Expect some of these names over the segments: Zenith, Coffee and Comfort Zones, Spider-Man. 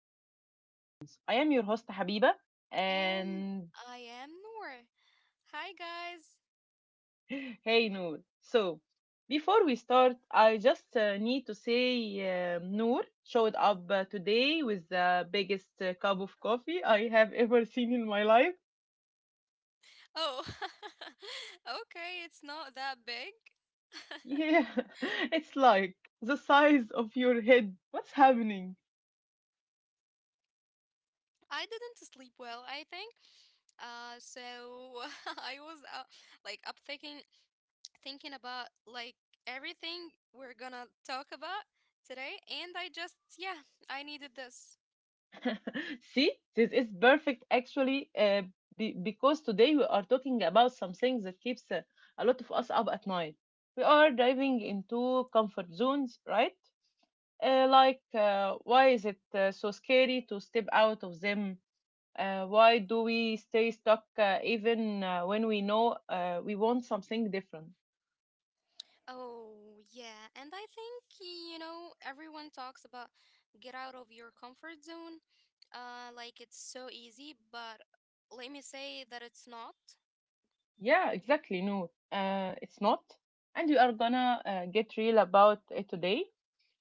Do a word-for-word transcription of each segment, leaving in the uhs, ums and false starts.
and Comfort Zones. I am your host Habiba and And I am Noor. Hi, guys. hey Noor. So, before we start, I just uh, need to say um Noor showed up uh, today with the biggest uh, cup of coffee I have ever seen in my life. Oh, okay, it's not that big. Yeah, it's like the size of your head. What's happening? I didn't sleep well, I think. Uh, so I was up, like up thinking, thinking about like everything we're gonna talk about today, and I just, yeah, I needed this. See, this is perfect actually, uh, be- because today we are talking about some things that keeps uh, a lot of us up at night. We are diving into comfort zones, right? Uh, like, uh, why is it uh, so scary to step out of them? Uh, why do we stay stuck uh, even uh, when we know uh, we want something different? Oh, yeah. And I think, you know, everyone talks about get out of your comfort zone, uh, like it's so easy, but let me say that it's not. Yeah, exactly. No, uh, it's not. And we are gonna uh, get real about it today.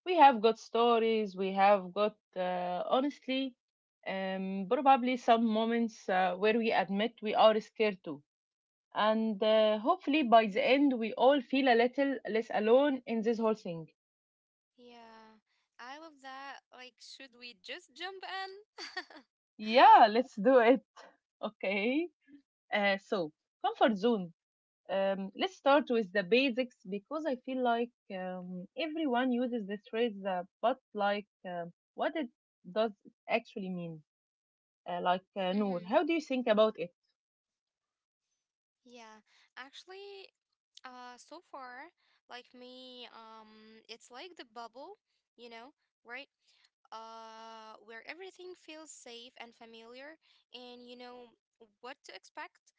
We have got stories, we have got, uh, honestly, um, probably some moments uh, where we admit we are scared too. And uh, hopefully, by the hmm end, we all feel a little less alone in this whole thing. Yeah, I love that. Like, should we just jump in? Yeah, let's do it. Okay. Uh, so, comfort zone. Um, let's start with the basics because I feel like um, everyone uses this phrase, uh, but like, um what it does it actually mean? Uh, like, uh, Noor, hmm how do you think about it? Yeah, actually, uh, so far, like me, um, it's like the bubble, you know, right? Uh, where everything feels safe and familiar, and you know what to expect.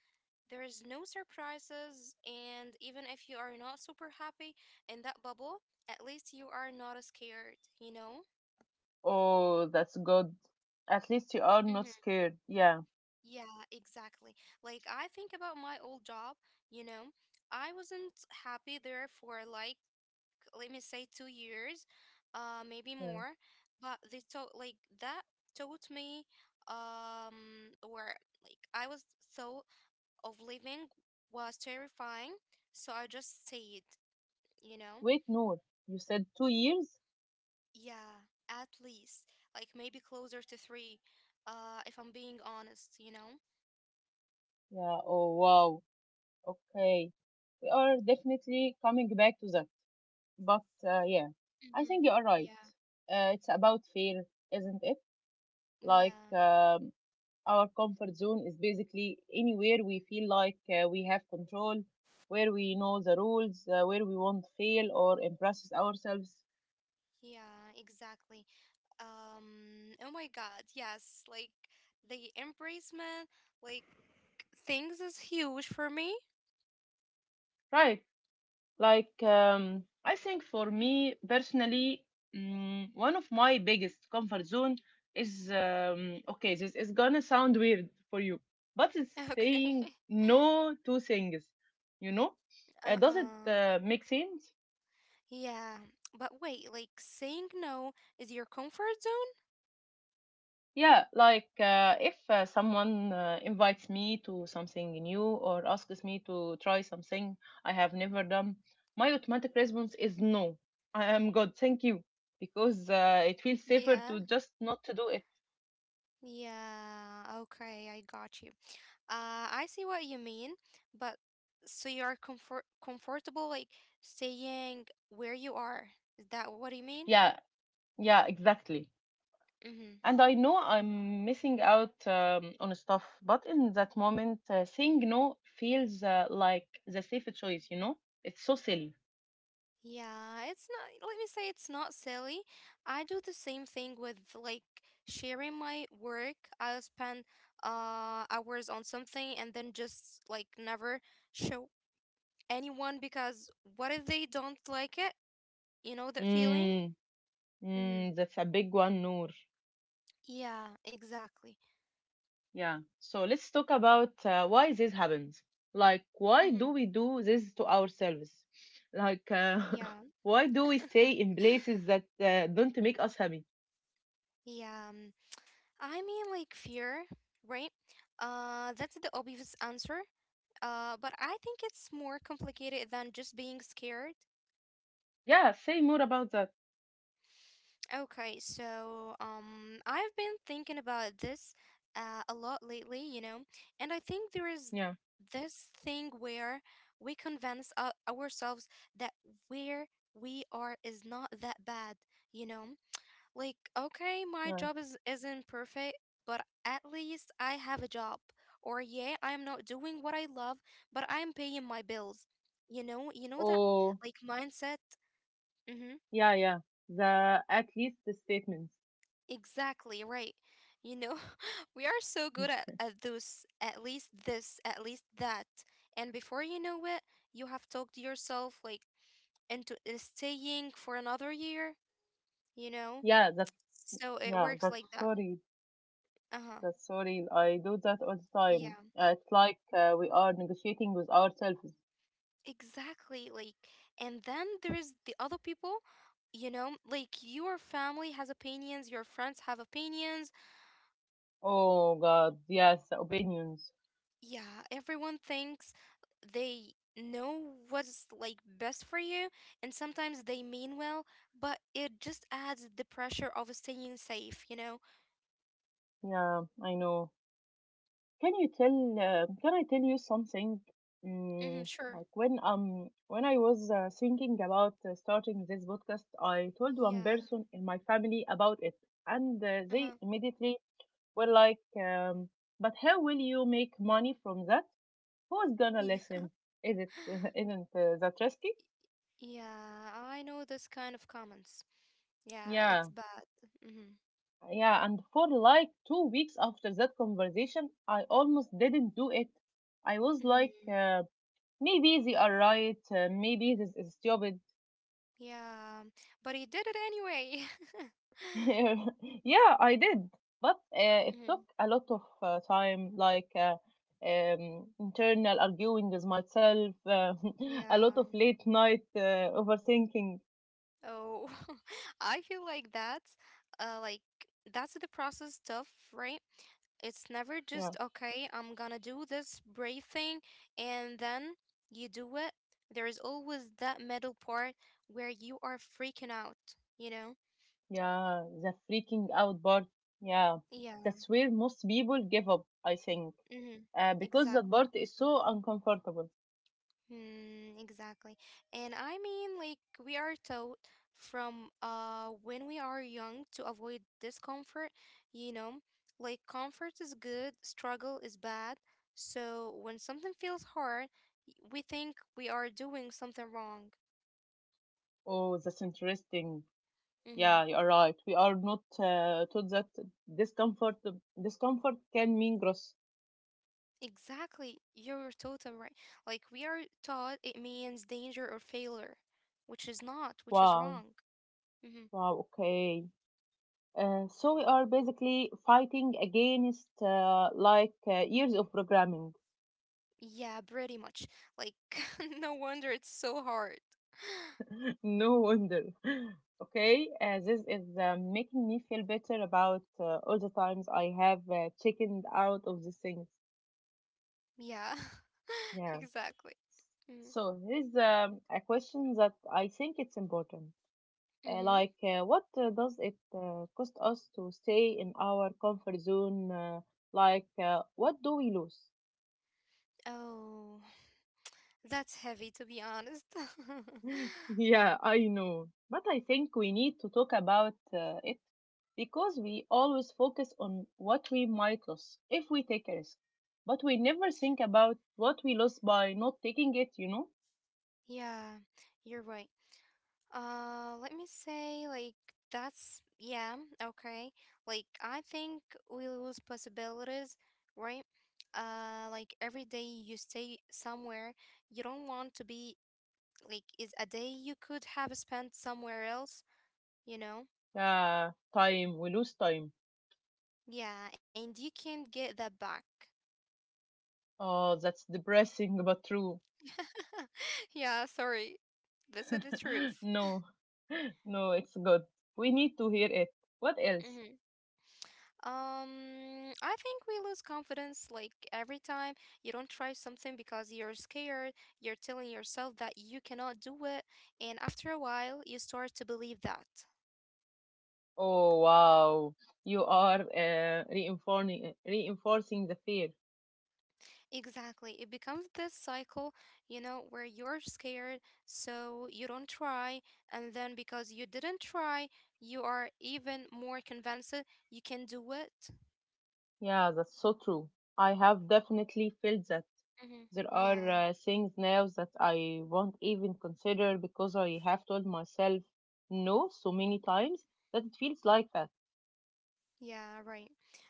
There is no surprises, and even if you are not super happy in that bubble, at least you are not scared, you know? Oh, that's good. At least you are hmm not scared. Yeah, Yeah, exactly. Like, I think about my old job, you know, I wasn't happy there for like let me say two years, uh, maybe yeah. more. But they taught like that taught me um where like I was thought of living was terrifying, so I just stayed, you know? Wait, Noor, you said two years? Yeah, at least like maybe closer to three, uh, if I'm being honest, you know? Yeah, oh wow. Okay. We are definitely coming back to that. But uh, yeah, I Mm-hmm. think you are right. Yeah, Uh, it's about fear, isn't it? Like, yeah, um, our comfort zone is basically anywhere we feel like uh, we have control, where we know the rules, uh, where we won't fail or impress ourselves. yeah, exactly. Um oh my god, yes, like the embracement like things is huge for me. Right. Like, um, I think for me personally, mm, one of my biggest comfort zone is um, okay, this is gonna sound weird for you, but it's saying Okay. no to things, you know? Uh, does it Uh-huh. uh, make sense? Yeah, but wait, like saying no is your comfort zone? Yeah, like uh, if uh, someone uh, invites me to something new or asks me to try something I have never done, my automatic response is no. I am good, thank you, because uh, it feels safer Yeah, to just not to do it. yeah, okay, I got you. uh I see what you mean. But so you are comfort comfortable like staying where you are, is that what you mean? Yeah, yeah, exactly. Mm-hmm. And I know I'm missing out um, on stuff, but in that moment, uh, saying no feels uh, like the safer choice, you know? It's so silly. Yeah, it's not, let me say it's not silly. I do the same thing with like sharing my work. I'll spend uh hours on something and then just like never show anyone because what if they don't like it? You know that feeling? Mm, Mm-hmm. mm, that's a big one, Noor. Yeah, exactly. Yeah. So let's talk about uh, why this happens. Like, Mm-hmm. why do we do this to ourselves? Like, uh, Yeah. why do we stay in places that uh, don't make us happy? Yeah, um, I mean like fear, right? Uh, that's the obvious answer. Uh, but I think it's more complicated than just being scared. Yeah. Say more about that. Okay, so um, I've been thinking about this uh, a lot lately, you know, and I think there is Yeah. this thing where we convince ou- ourselves that where we are is not that bad, you know? Like, okay, my Yeah. job is isn't perfect, but at least I have a job. Or yeah, I am not doing what I love, but I am paying my bills. You know, you know that Oh, like mindset. Mm-hmm. yeah, yeah. The at least the statements. Exactly right. You know, we are so good at, at those, at least this, at least that. And before you know it, you have talked yourself like into uh, staying for another year, you know? Yeah. That. So it Yeah. works That's like that. sorry. Uh huh. That's sorry. I do that all the Yeah, time. Uh, it's like uh, we are negotiating with ourselves. exactly. Like, and then there is the other people, you know, like your family has opinions, your friends have opinions. Oh God. Yes. The opinions. Yeah, everyone thinks they know what's like best for you, and sometimes they mean well, but it just adds the pressure of staying safe, you know? Yeah. I know. Can you tell uh, can I tell you something? Mm-hmm, Mm, sure. like when um when I was uh, thinking about uh, starting this podcast, I told one Yeah. person in my family about it, and uh, they Uh-huh. immediately were like, um, "But how will you make money from that? Who's gonna Yeah. listen? Is it isn't uh, that risky?" Yeah, I know this kind of comments. Yeah, Yeah, it's bad. Mm-hmm. yeah. And for like two weeks after that conversation, I almost didn't do it. I was like. Mm-hmm. Uh, Maybe they are right. Uh, maybe this is stupid. Yeah, but he did it anyway. yeah, I did. But uh, it took hmm a lot of uh, time, like uh, um, internal arguing with myself, uh, a Yeah. lot of late night uh, overthinking. Oh, I feel like that's uh like that's the process stuff, right? It's never just Yeah, okay, I'm gonna do this brave thing and then you do it. There is always that middle part where you are freaking out, you know? yeah, the freaking out part. Yeah, Yeah. that's where most people give up, I think, Mm-hmm. uh, because that Exactly. part is so uncomfortable. Mm, exactly. And I mean, like, we are taught from uh when we are young to avoid discomfort, you know, like comfort is good, struggle is bad. So when something feels hard, y- we think we are doing something wrong. Oh, that's interesting. Yeah, Mm-hmm. you are right. We are not uh, taught that discomfort discomfort can mean growth. Exactly. You're totally right. Like, we are taught it means danger or failure, which is not, which is Wow, wrong. Mm-hmm. wow, okay. Uh, so we are basically fighting against uh, like uh, years of programming. Yeah, pretty much. Like, no wonder it's so hard. no wonder. Okay, uh, this is uh, making me feel better about uh, all the times I have uh, chickened out of these things. Yeah, Yeah. exactly. Mm. So here's um, a question that I think it's important. Uh, hmm like, uh, what uh, does it uh, cost us to stay in our comfort zone? Uh, like, uh, what do we lose? Oh, that's heavy to be honest. Yeah, I know. But I think we need to talk about uh, it because we always focus on what we might lose if we take a risk. But we never think about what we lose by not taking it, you know? Yeah, you're right. Uh, let me say, like, that's, yeah, okay. Like, I think we lose possibilities, right? Uh, like, every day you stay somewhere you don't want to be like is a day you could have spent somewhere else, you know? Uh, time, we lose time. Yeah, and you can't get that back. Oh, that's depressing but true. Yeah, sorry. This is the truth. no, no, it's good. We need to hear it. What else? hmm Um, I think we lose confidence like every time you don't try something because you're scared, you're telling yourself that you cannot do it, and after a while, you start to believe that. Oh wow, you are uh, reinforcing reinforcing the fear. Exactly. It becomes this cycle, you know, where you're scared, so you don't try. And then because you didn't try, you are even more convinced you can do it. Yeah, that's so true. I have definitely felt that. Mm-hmm. There are Yeah. uh, things now that I won't even consider because I have told myself no so many times that it feels y- like that. Yeah, right.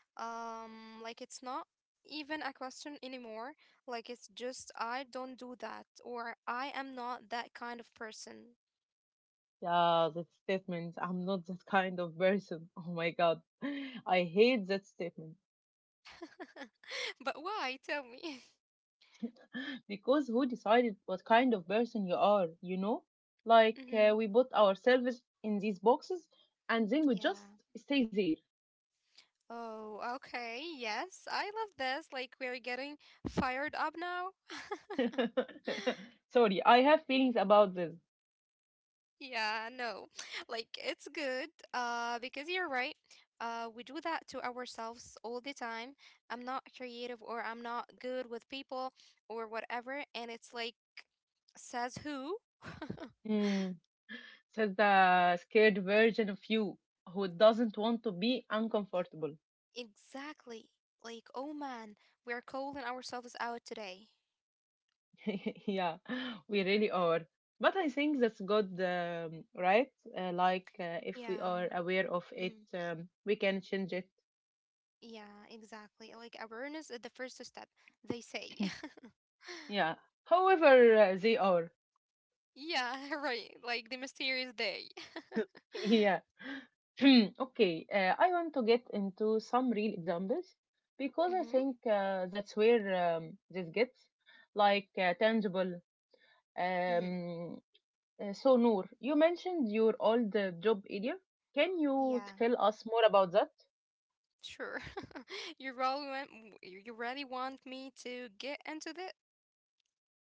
Um, like it's not even a question anymore. Like it's just I don't do that, or I am not that kind of person. Yeah, that statement. I'm not that kind of person. Oh my god, I hate that statement. But why? Tell me. because who decided what kind of person you are, you know? Like Mm-hmm. uh, we put ourselves in these boxes and then we just Yeah. stay Oh, okay. Yes, I love this. Like, we're getting fired up now. there. Sorry, I have feelings about this. Yeah, no. Like, it's good. Uh, because you're right. Uh, we do that to ourselves all the time. I'm not creative, or I'm not good with people or whatever. And it's like, says who? Mm, says the scared version of you who doesn't want to be uncomfortable. Exactly. Like, oh man, we're calling ourselves out today. yeah, we really are. But I think that's good, um, right? Uh, like uh, if we Yeah. are aware of it, Mm. um, we can change it. Yeah, exactly. Like awareness is the first step, they say. yeah, however uh, they are. Yeah, right. Like the mysterious day. Yeah. Okay, uh, I want to get into some real examples because I Mhm. think uh, that's where um, this gets like uh, tangible. Mhm. Um, uh, so, Noor, you mentioned your old uh, job earlier. Can you Yeah, tell us more about that? sure. You really want you you really want me to get into that?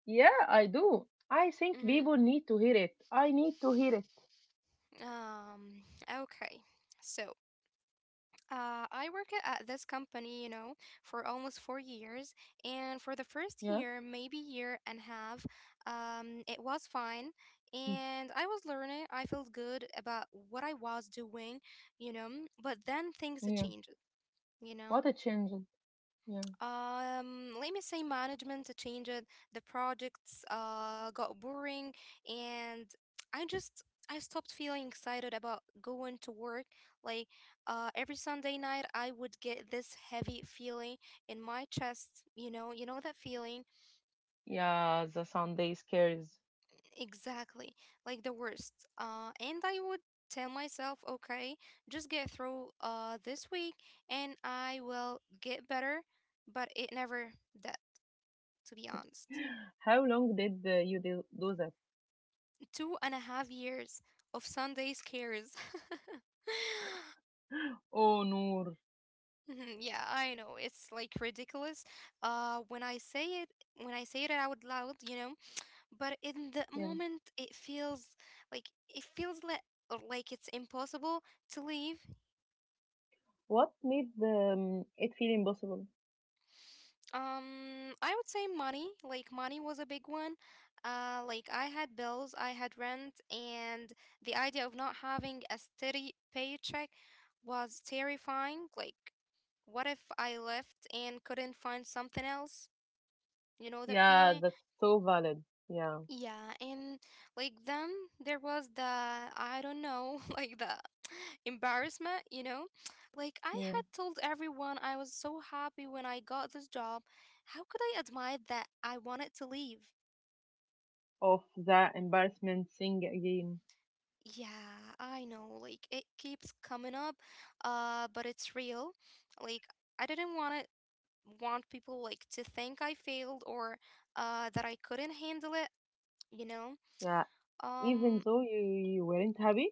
Yeah, I do. I think Mhm. people need to hear it. I need to hear it. Um, okay. So, Uh, I worked at this company, you know, for almost four years, and for the first Yeah, year, maybe year and a half, um, it was fine, Mm. and I was learning. I felt good about what I was doing, you know. But then things yeah. changed, you know. What a change. Yeah, Um, let me say management changed. The projects uh got boring, and I just I stopped feeling excited about going to work. Like, uh, every Sunday night I would get this heavy feeling in my chest. You know, you know that feeling yeah. The Sunday scares. exactly, like the worst. Uh, and I would tell myself, okay, just get through uh this week, and I will get better. But it never did, to be honest. How long did uh, you do, do that? Two and a half years of Sunday scares. Oh, Noor. Mhm, yeah, I know it's like ridiculous. Uh, when I say it, when I say it out loud, you know, but in the Yeah. moment, it feels like it feels like like it's impossible to leave. What made um, it feel impossible? Um, I would say money. Like money was a big one. Uh, like I had bills, I had rent, and the idea of not having a steady paycheck was terrifying. Like, what if I left and couldn't find something else? You know that Yeah, feeling? that's so valid. Yeah. Yeah, and like then there was the I don't know, like the embarrassment, you know? Like I Yeah. had told everyone I was so happy when I got this job. How could I admit that I wanted to leave? Of the embarrassment thing again. Yeah, I know. Like it keeps coming up, uh, but it's real. Like I didn't want it want people like to think I failed or uh that I couldn't handle it, you know? Yeah. Even Um though you, you weren't happy?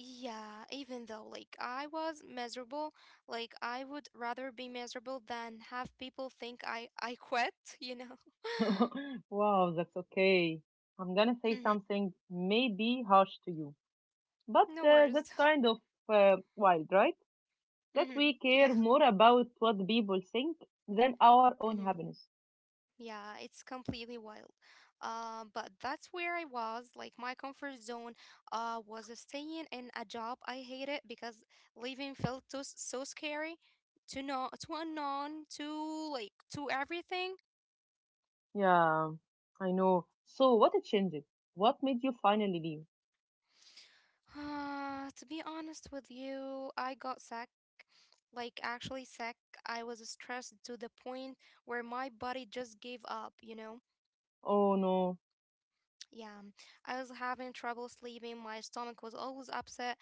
Yeah, even though like I was miserable, like I would rather be miserable than have people think I I quit, you know. wow, that's okay. I'm gonna say hmm something maybe harsh to you. But No uh, worries. that's kind of uh, wild, right? That hmm we care Yeah. more about what people think than our own hmm happiness. Yeah, it's completely wild. Um, but that's where I was. Like my comfort zone, uh, was staying in a job I hated because leaving felt so so scary, to know to unknown, to like to everything. Yeah, I know. So what it changed? What made you finally leave? Uh, to be honest with you, I got sick. Like, actually sick. I was stressed to the point where my body just gave up, you know? Oh no. Yeah. I was having trouble sleeping. My stomach was always upset.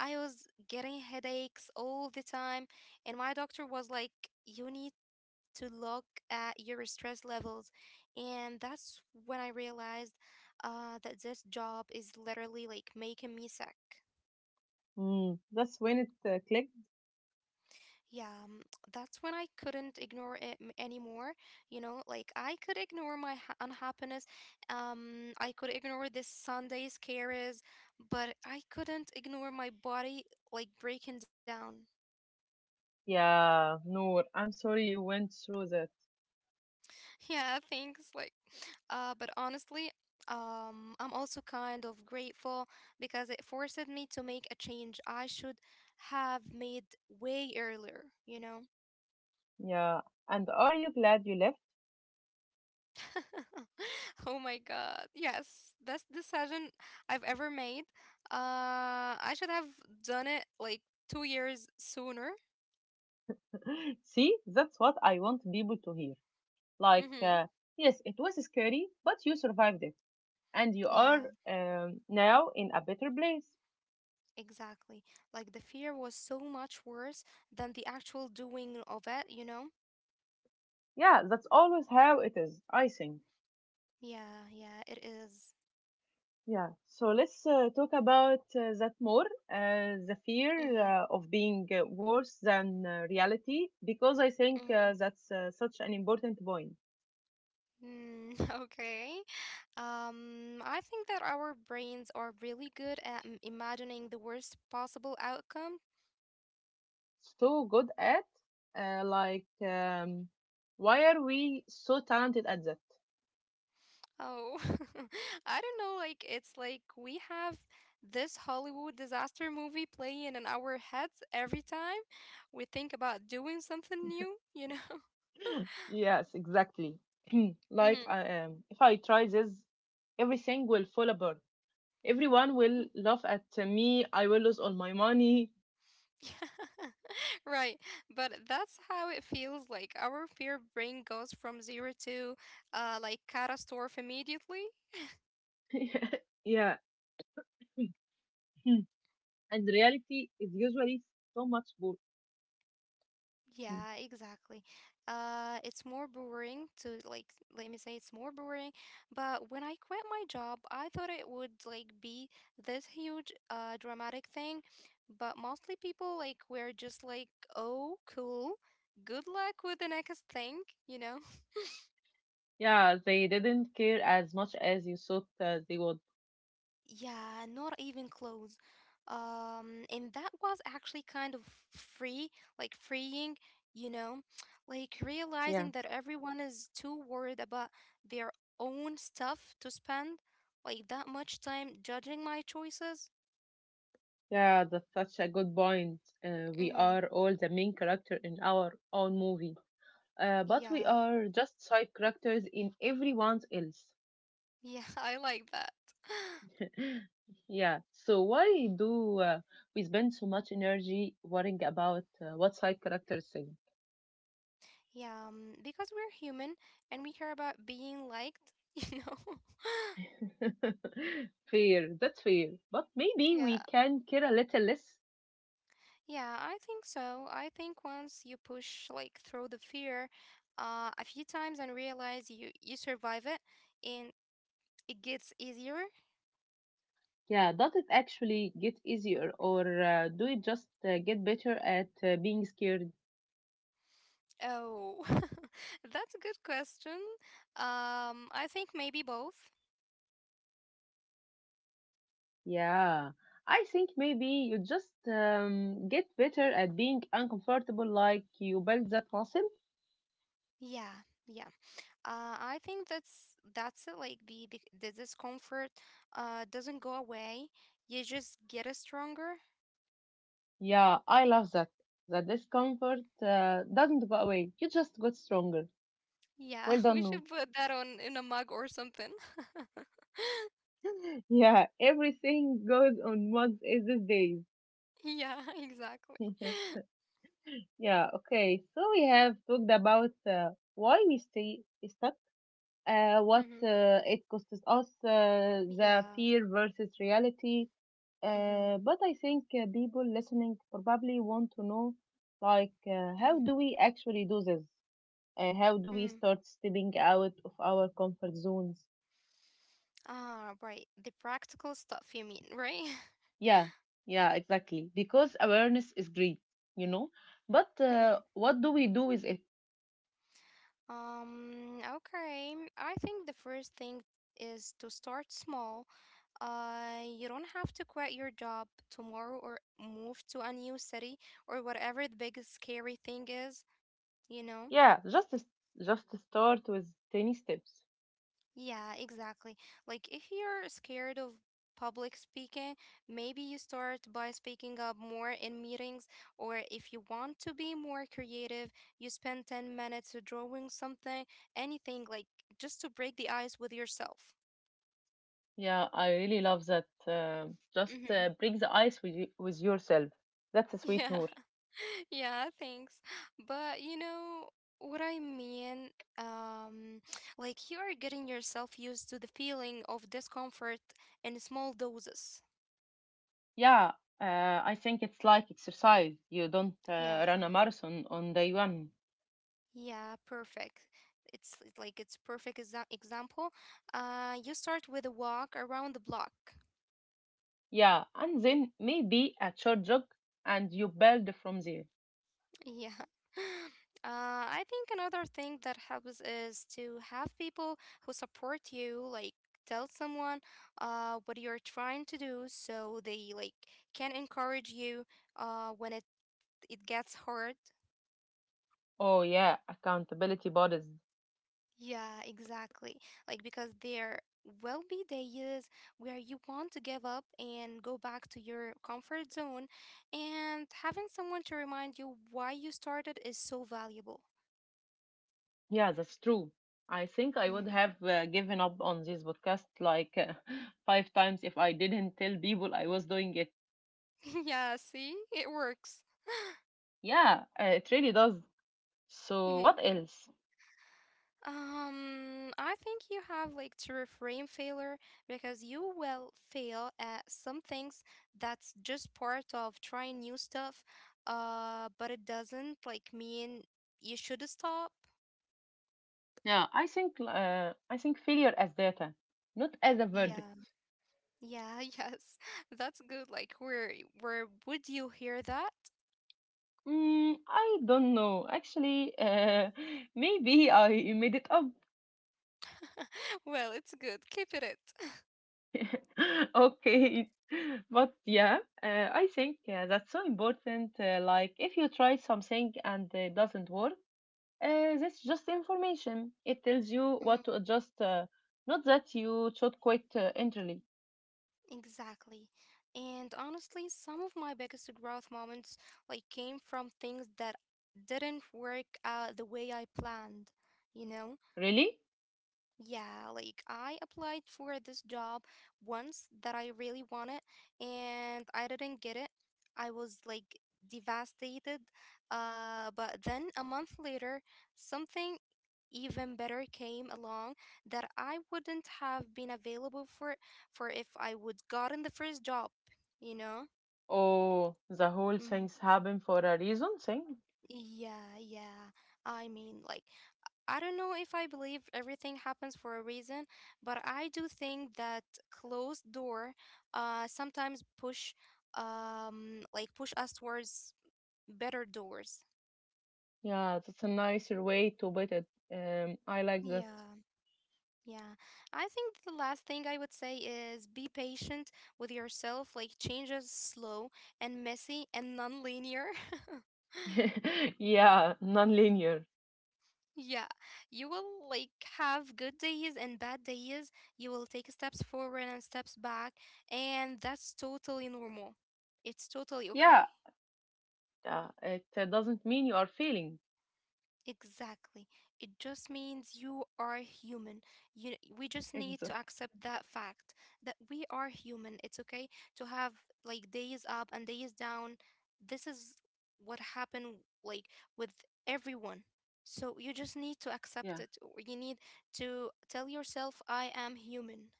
I was getting headaches all the time. And my doctor was like, you need to look at your stress levels. And that's when I realized uh, that this job is literally like making me sick. Mm, that's when it uh, clicked. Yeah, mm, that's when I couldn't ignore it m- anymore. You know, like I could ignore my ha- unhappiness. Um, I could ignore this Sunday scares, but I couldn't ignore my body like breaking down. Yeah, no, I'm sorry you went through that. Yeah, things like, uh, but honestly, um, I'm also kind of grateful because it forced me to make a change I should have made way earlier, you know? Yeah, and are you glad you left? Oh my God. Yes, that's the decision I've ever made. Uh, I should have done it like two years sooner. See, that's what I want people to hear. Like, Mm-hmm. uh, yes, it was scary, but you survived it, and you are Yeah, um, now in a better place. exactly. Like the fear was so much worse than the actual doing of it, you know? Yeah, that's always how it is, I think. Yeah, yeah, it is. Yeah, so let's uh, talk about uh, that more uh, the fear Mm-hmm. uh, of being uh, worse than uh, reality, because I Mm-hmm. think uh, that's uh, such an important point. Mm, okay. Um, I think that our brains are really good at m- imagining the worst possible outcome. So good at, uh, like, um, why are we so talented at that? Oh, I don't know. Like, it's like we have this Hollywood disaster movie playing in our heads every time we think about doing something new, you know? Yes, exactly. like, Mm-hmm. I, um, if I try this, everything will fall apart. Everyone will laugh at me. I will lose all my money. Right. But that's how it feels like our fear brain goes from zero to uh like catastrophe immediately. yeah. and reality is usually so much more. Hmm. Yeah, exactly. Uh, it's more boring to like, let me say it's more boring. But when I quit my job, I thought it would like be this huge, uh, dramatic thing. But mostly people like were just like, oh, cool. Good luck with the next thing, you know? Yeah, they didn't care as much as you thought uh, they would. Yeah, not even close. Um, and that was actually kind of free, like freeing, you know, like realizing Yeah, that everyone is too worried about their own stuff to spend like that much time judging my choices. Yeah, that's such a good point. Uh, we Mm-hmm. are all the main character in our own movie, uh, but we Yeah, are just side characters in everyone else. yeah, I like that. Yeah, so why do uh, we spend so much energy worrying about uh, what side characters Yeah, um, because we're human and we care about being liked, you know. think? fair, that's fair. But maybe Yeah. we can care a little less. Yeah, I think so. I think once you push like through the fear uh, a few times and realize you you survive it and it gets easier. Yeah, does it actually get easier or uh, do you just uh, get better at uh, being scared? Oh, that's a good question. Um, I think maybe both. Yeah, I think maybe you just um, get better at being uncomfortable, like you build that muscle. Yeah, yeah. Uh, I think that's that's it. Like the the, the discomfort uh, doesn't go away. You just get it stronger. Yeah, I love that. That discomfort uh, doesn't go away, you just got stronger. Yeah, Well we done, Noor. should put that on in a mug or something. Yeah, everything goes on mugs is these days. Yeah, exactly. yeah, okay, so we have talked about uh, why we stay stuck uh, Mm-hmm. what uh, it costs us, uh, the Yeah. fear versus reality. Mm-hmm. Uh, but I think uh, people listening probably want to know, like, uh, Mm-hmm. how do we actually do this? Uh, how do Mm. we start stepping out of our comfort zones? Ah, right. The practical stuff you mean, right? Yeah, yeah, exactly. Because awareness is great, you know. But Hmm. uh, what do we do with it? Um, okay. I think the first thing is to start small. Uh, you don't have to quit your job tomorrow or move to a new city or whatever the big scary thing is, you know? Yeah, just just start with tiny steps. Yeah, exactly. Like if you're scared of public speaking, maybe you start by speaking up more in meetings, or if you want to be more creative, you spend ten minutes drawing something, anything like just to break the ice with yourself. Yeah, I really love that. Um just Mm-hmm. uh, break the ice with you, with yourself. That's a sweet Yeah. Noor. Yeah, thanks. But you know what I mean? Um, like you are getting yourself used to the feeling of discomfort in small doses. Yeah, uh, I think it's like exercise. You don't Yeah. uh, run a marathon on day one. Yeah, perfect. It's it's like it's perfect exa- example. Uh, you start with a walk around the block. Yeah, and then maybe a short jog, and you build from there. Yeah. Uh, I think another thing that helps is to have people who support you, like tell someone uh what you're trying to do so they like can encourage you uh when it it gets hard. Oh yeah, accountability bodies. Yeah, exactly. Like because there will be days where you want to give up and go back to your comfort zone, and having someone to remind you why you started is so valuable. Yeah, that's true. I think I would Mhm. have uh, given up on this podcast like uh, five times if I didn't tell people I was doing it. Yeah, see? It works. Yeah, uh, it really does. So Mhm. what else? Um, I think you have like to reframe failure because you will fail at some things, that's just part of trying new stuff, uh, but it doesn't like mean you should stop. Yeah, I think uh, I think failure as data, not as a Yeah, verdict. yeah, yes. That's good. Like where where would you hear that? Mm, I don't know. Actually, uh, maybe I made it up. Well, it's good. Keep it it. okay, but yeah, uh, I think uh, that's so important. Uh, like, if you try something and it doesn't work, uh, that's just information. It tells you Mhm. what to adjust. Uh, not that you should quit uh, entirely. Exactly. And honestly, some of my biggest growth moments like came from things that didn't work out the way I planned, you know? Really? Yeah, like I applied for this job once that I really wanted and I didn't get it. I was like devastated. Uh, but then a month later, something even better came along that I wouldn't have been available for for if I would gotten the first job, you know? Oh, the whole Mm. thing's happen for a reason thing. Yeah, yeah. I mean, like I don't know if I believe everything happens for a reason, but I do think that closed door uh, sometimes push um, like push us towards better doors. Yeah, that's a nicer way to put it. Um, I like that. Yeah, yeah. I think the last thing I would say is be patient with yourself. Like change is slow and messy and non-linear. yeah, non-linear. Yeah, you will like have good days and bad days. You will take steps forward and steps back, and that's totally normal. It's totally Yeah, okay. yeah. It uh, doesn't mean you are failing. Exactly. It just means you are human. You, we just need Exa- to accept that fact that we are human. It's okay to have like days up and days down. This is what happened like with everyone. So you just need to yeah, accept it. Or you need to tell yourself I am human.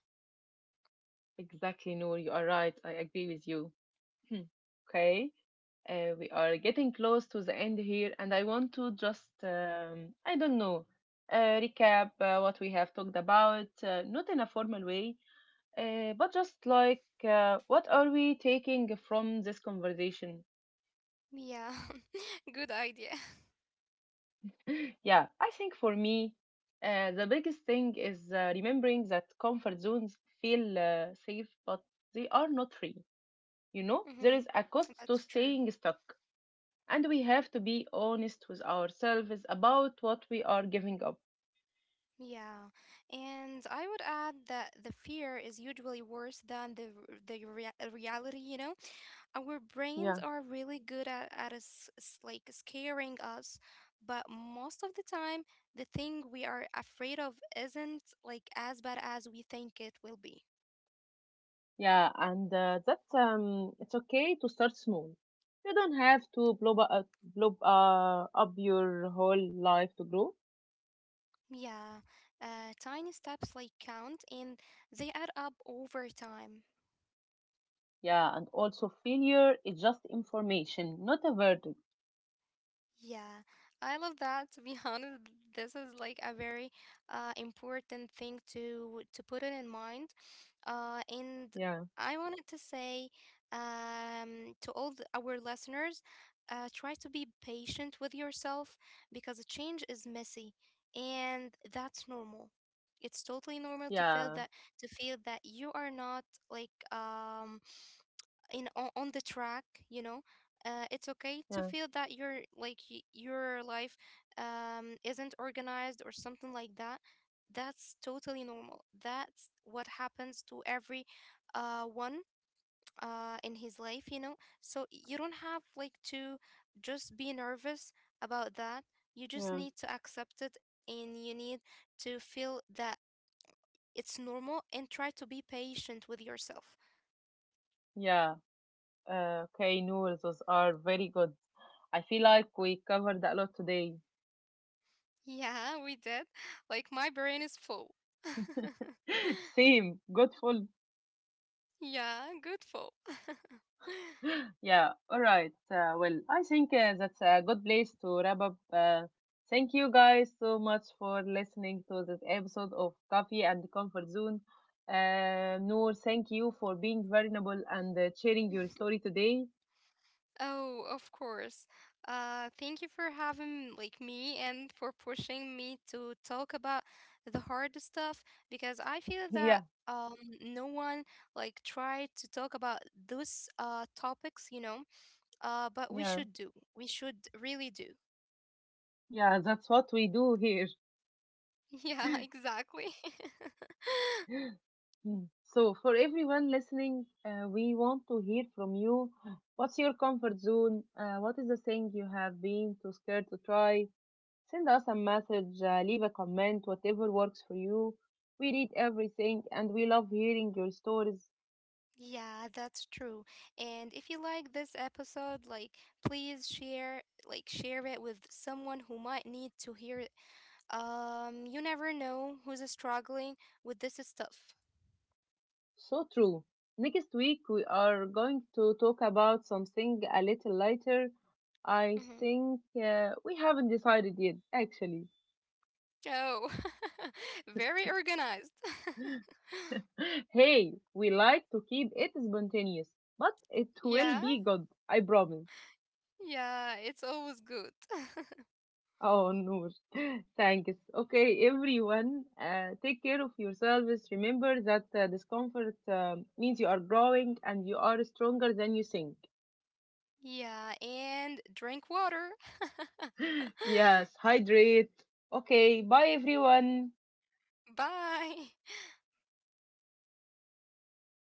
exactly. No, you are right. I agree with you. Hmm. Okay, uh, we are getting close to the end here, and I want to just, um, I don't know, uh, recap uh, what we have talked about, uh, not in a formal way, uh, but just like, uh, what are we taking from this conversation? Yeah. Good idea. Yeah, I think for me, uh, the biggest thing is uh, remembering that comfort zones feel uh, safe, but they are not free. You know, there Hmm. is a cost to That's true. staying stuck, and we have to be honest with ourselves about what we are giving up. Yeah, and I would add that the fear is usually worse than the r- the rea- reality, you know? Our brains Yeah. are really good at, at us, s- like scaring us, but most of the time, the thing we are afraid of isn't like as bad as we think it will be. Yeah, and uh, that um, it's okay to start small. You don't have to blow, bu- uh, blow uh, up your whole life to grow. Yeah, uh, tiny steps like count and they add up over time. Yeah, and also failure is just information, not a verdict. Yeah, I love that. To be honest, this is like a very uh, important thing to to put it in mind. Uh, and Yeah. I wanted to say um, to all the, our listeners, uh, try to be patient with yourself because change is messy, and that's normal. It's totally normal to feel Yeah, that, to feel that you are not like um in on on the track, you know. Uh, it's okay to yeah, feel that your like y- your life um, isn't organized or something like that. That's totally normal, that's what happens to every uh, one uh, in his life, you know. So you don't have like to just be nervous about that, you yeah, just need to accept it and you need to feel that it's normal and try to be patient with yourself. yeah. Uh, okay, Noor, those are very good. I feel like we covered a lot today. Yeah, we did. Like, my brain is full. Same, good full. Yeah, good full. Yeah, all right. Uh, well, I think uh, that's a good place to wrap up. Uh, thank you guys so much for listening to this episode of Coffee and Comfort Zone. Uh, Noor, thank you for being vulnerable and uh, sharing your story today. Oh, of course. Uh, thank you for having like me and for pushing me to talk about the hard stuff because I feel Yeah, that um no one like tried to talk about those uh topics, you know. Uh, but we yeah, should do. We should really do. yeah, that's what we do here. Yeah, exactly. Hmm. So, for everyone listening, uh, we want to hear from you. What's your comfort zone? Uh, what is the thing you have been too scared to try? Send us a message, uh, leave a comment, whatever works for you. We read everything and we love hearing your stories. Yeah, that's true. And if you like this episode, like please share like share it with someone who might need to hear it. Um, you never know who's struggling with this stuff. So true. Next week, we are going to talk about something a little lighter. I Hmm. think uh, we haven't decided yet, actually. Oh, very organized. Hey, we like to keep it spontaneous, but it will Yeah, be good, I promise. yeah, it's always good. Oh, Noor. Thanks. Okay, everyone, uh, take care of yourselves. Remember that uh, discomfort um means you are growing and you are stronger than you think. Yeah, and drink water. yes, hydrate. Okay, bye, everyone. Bye.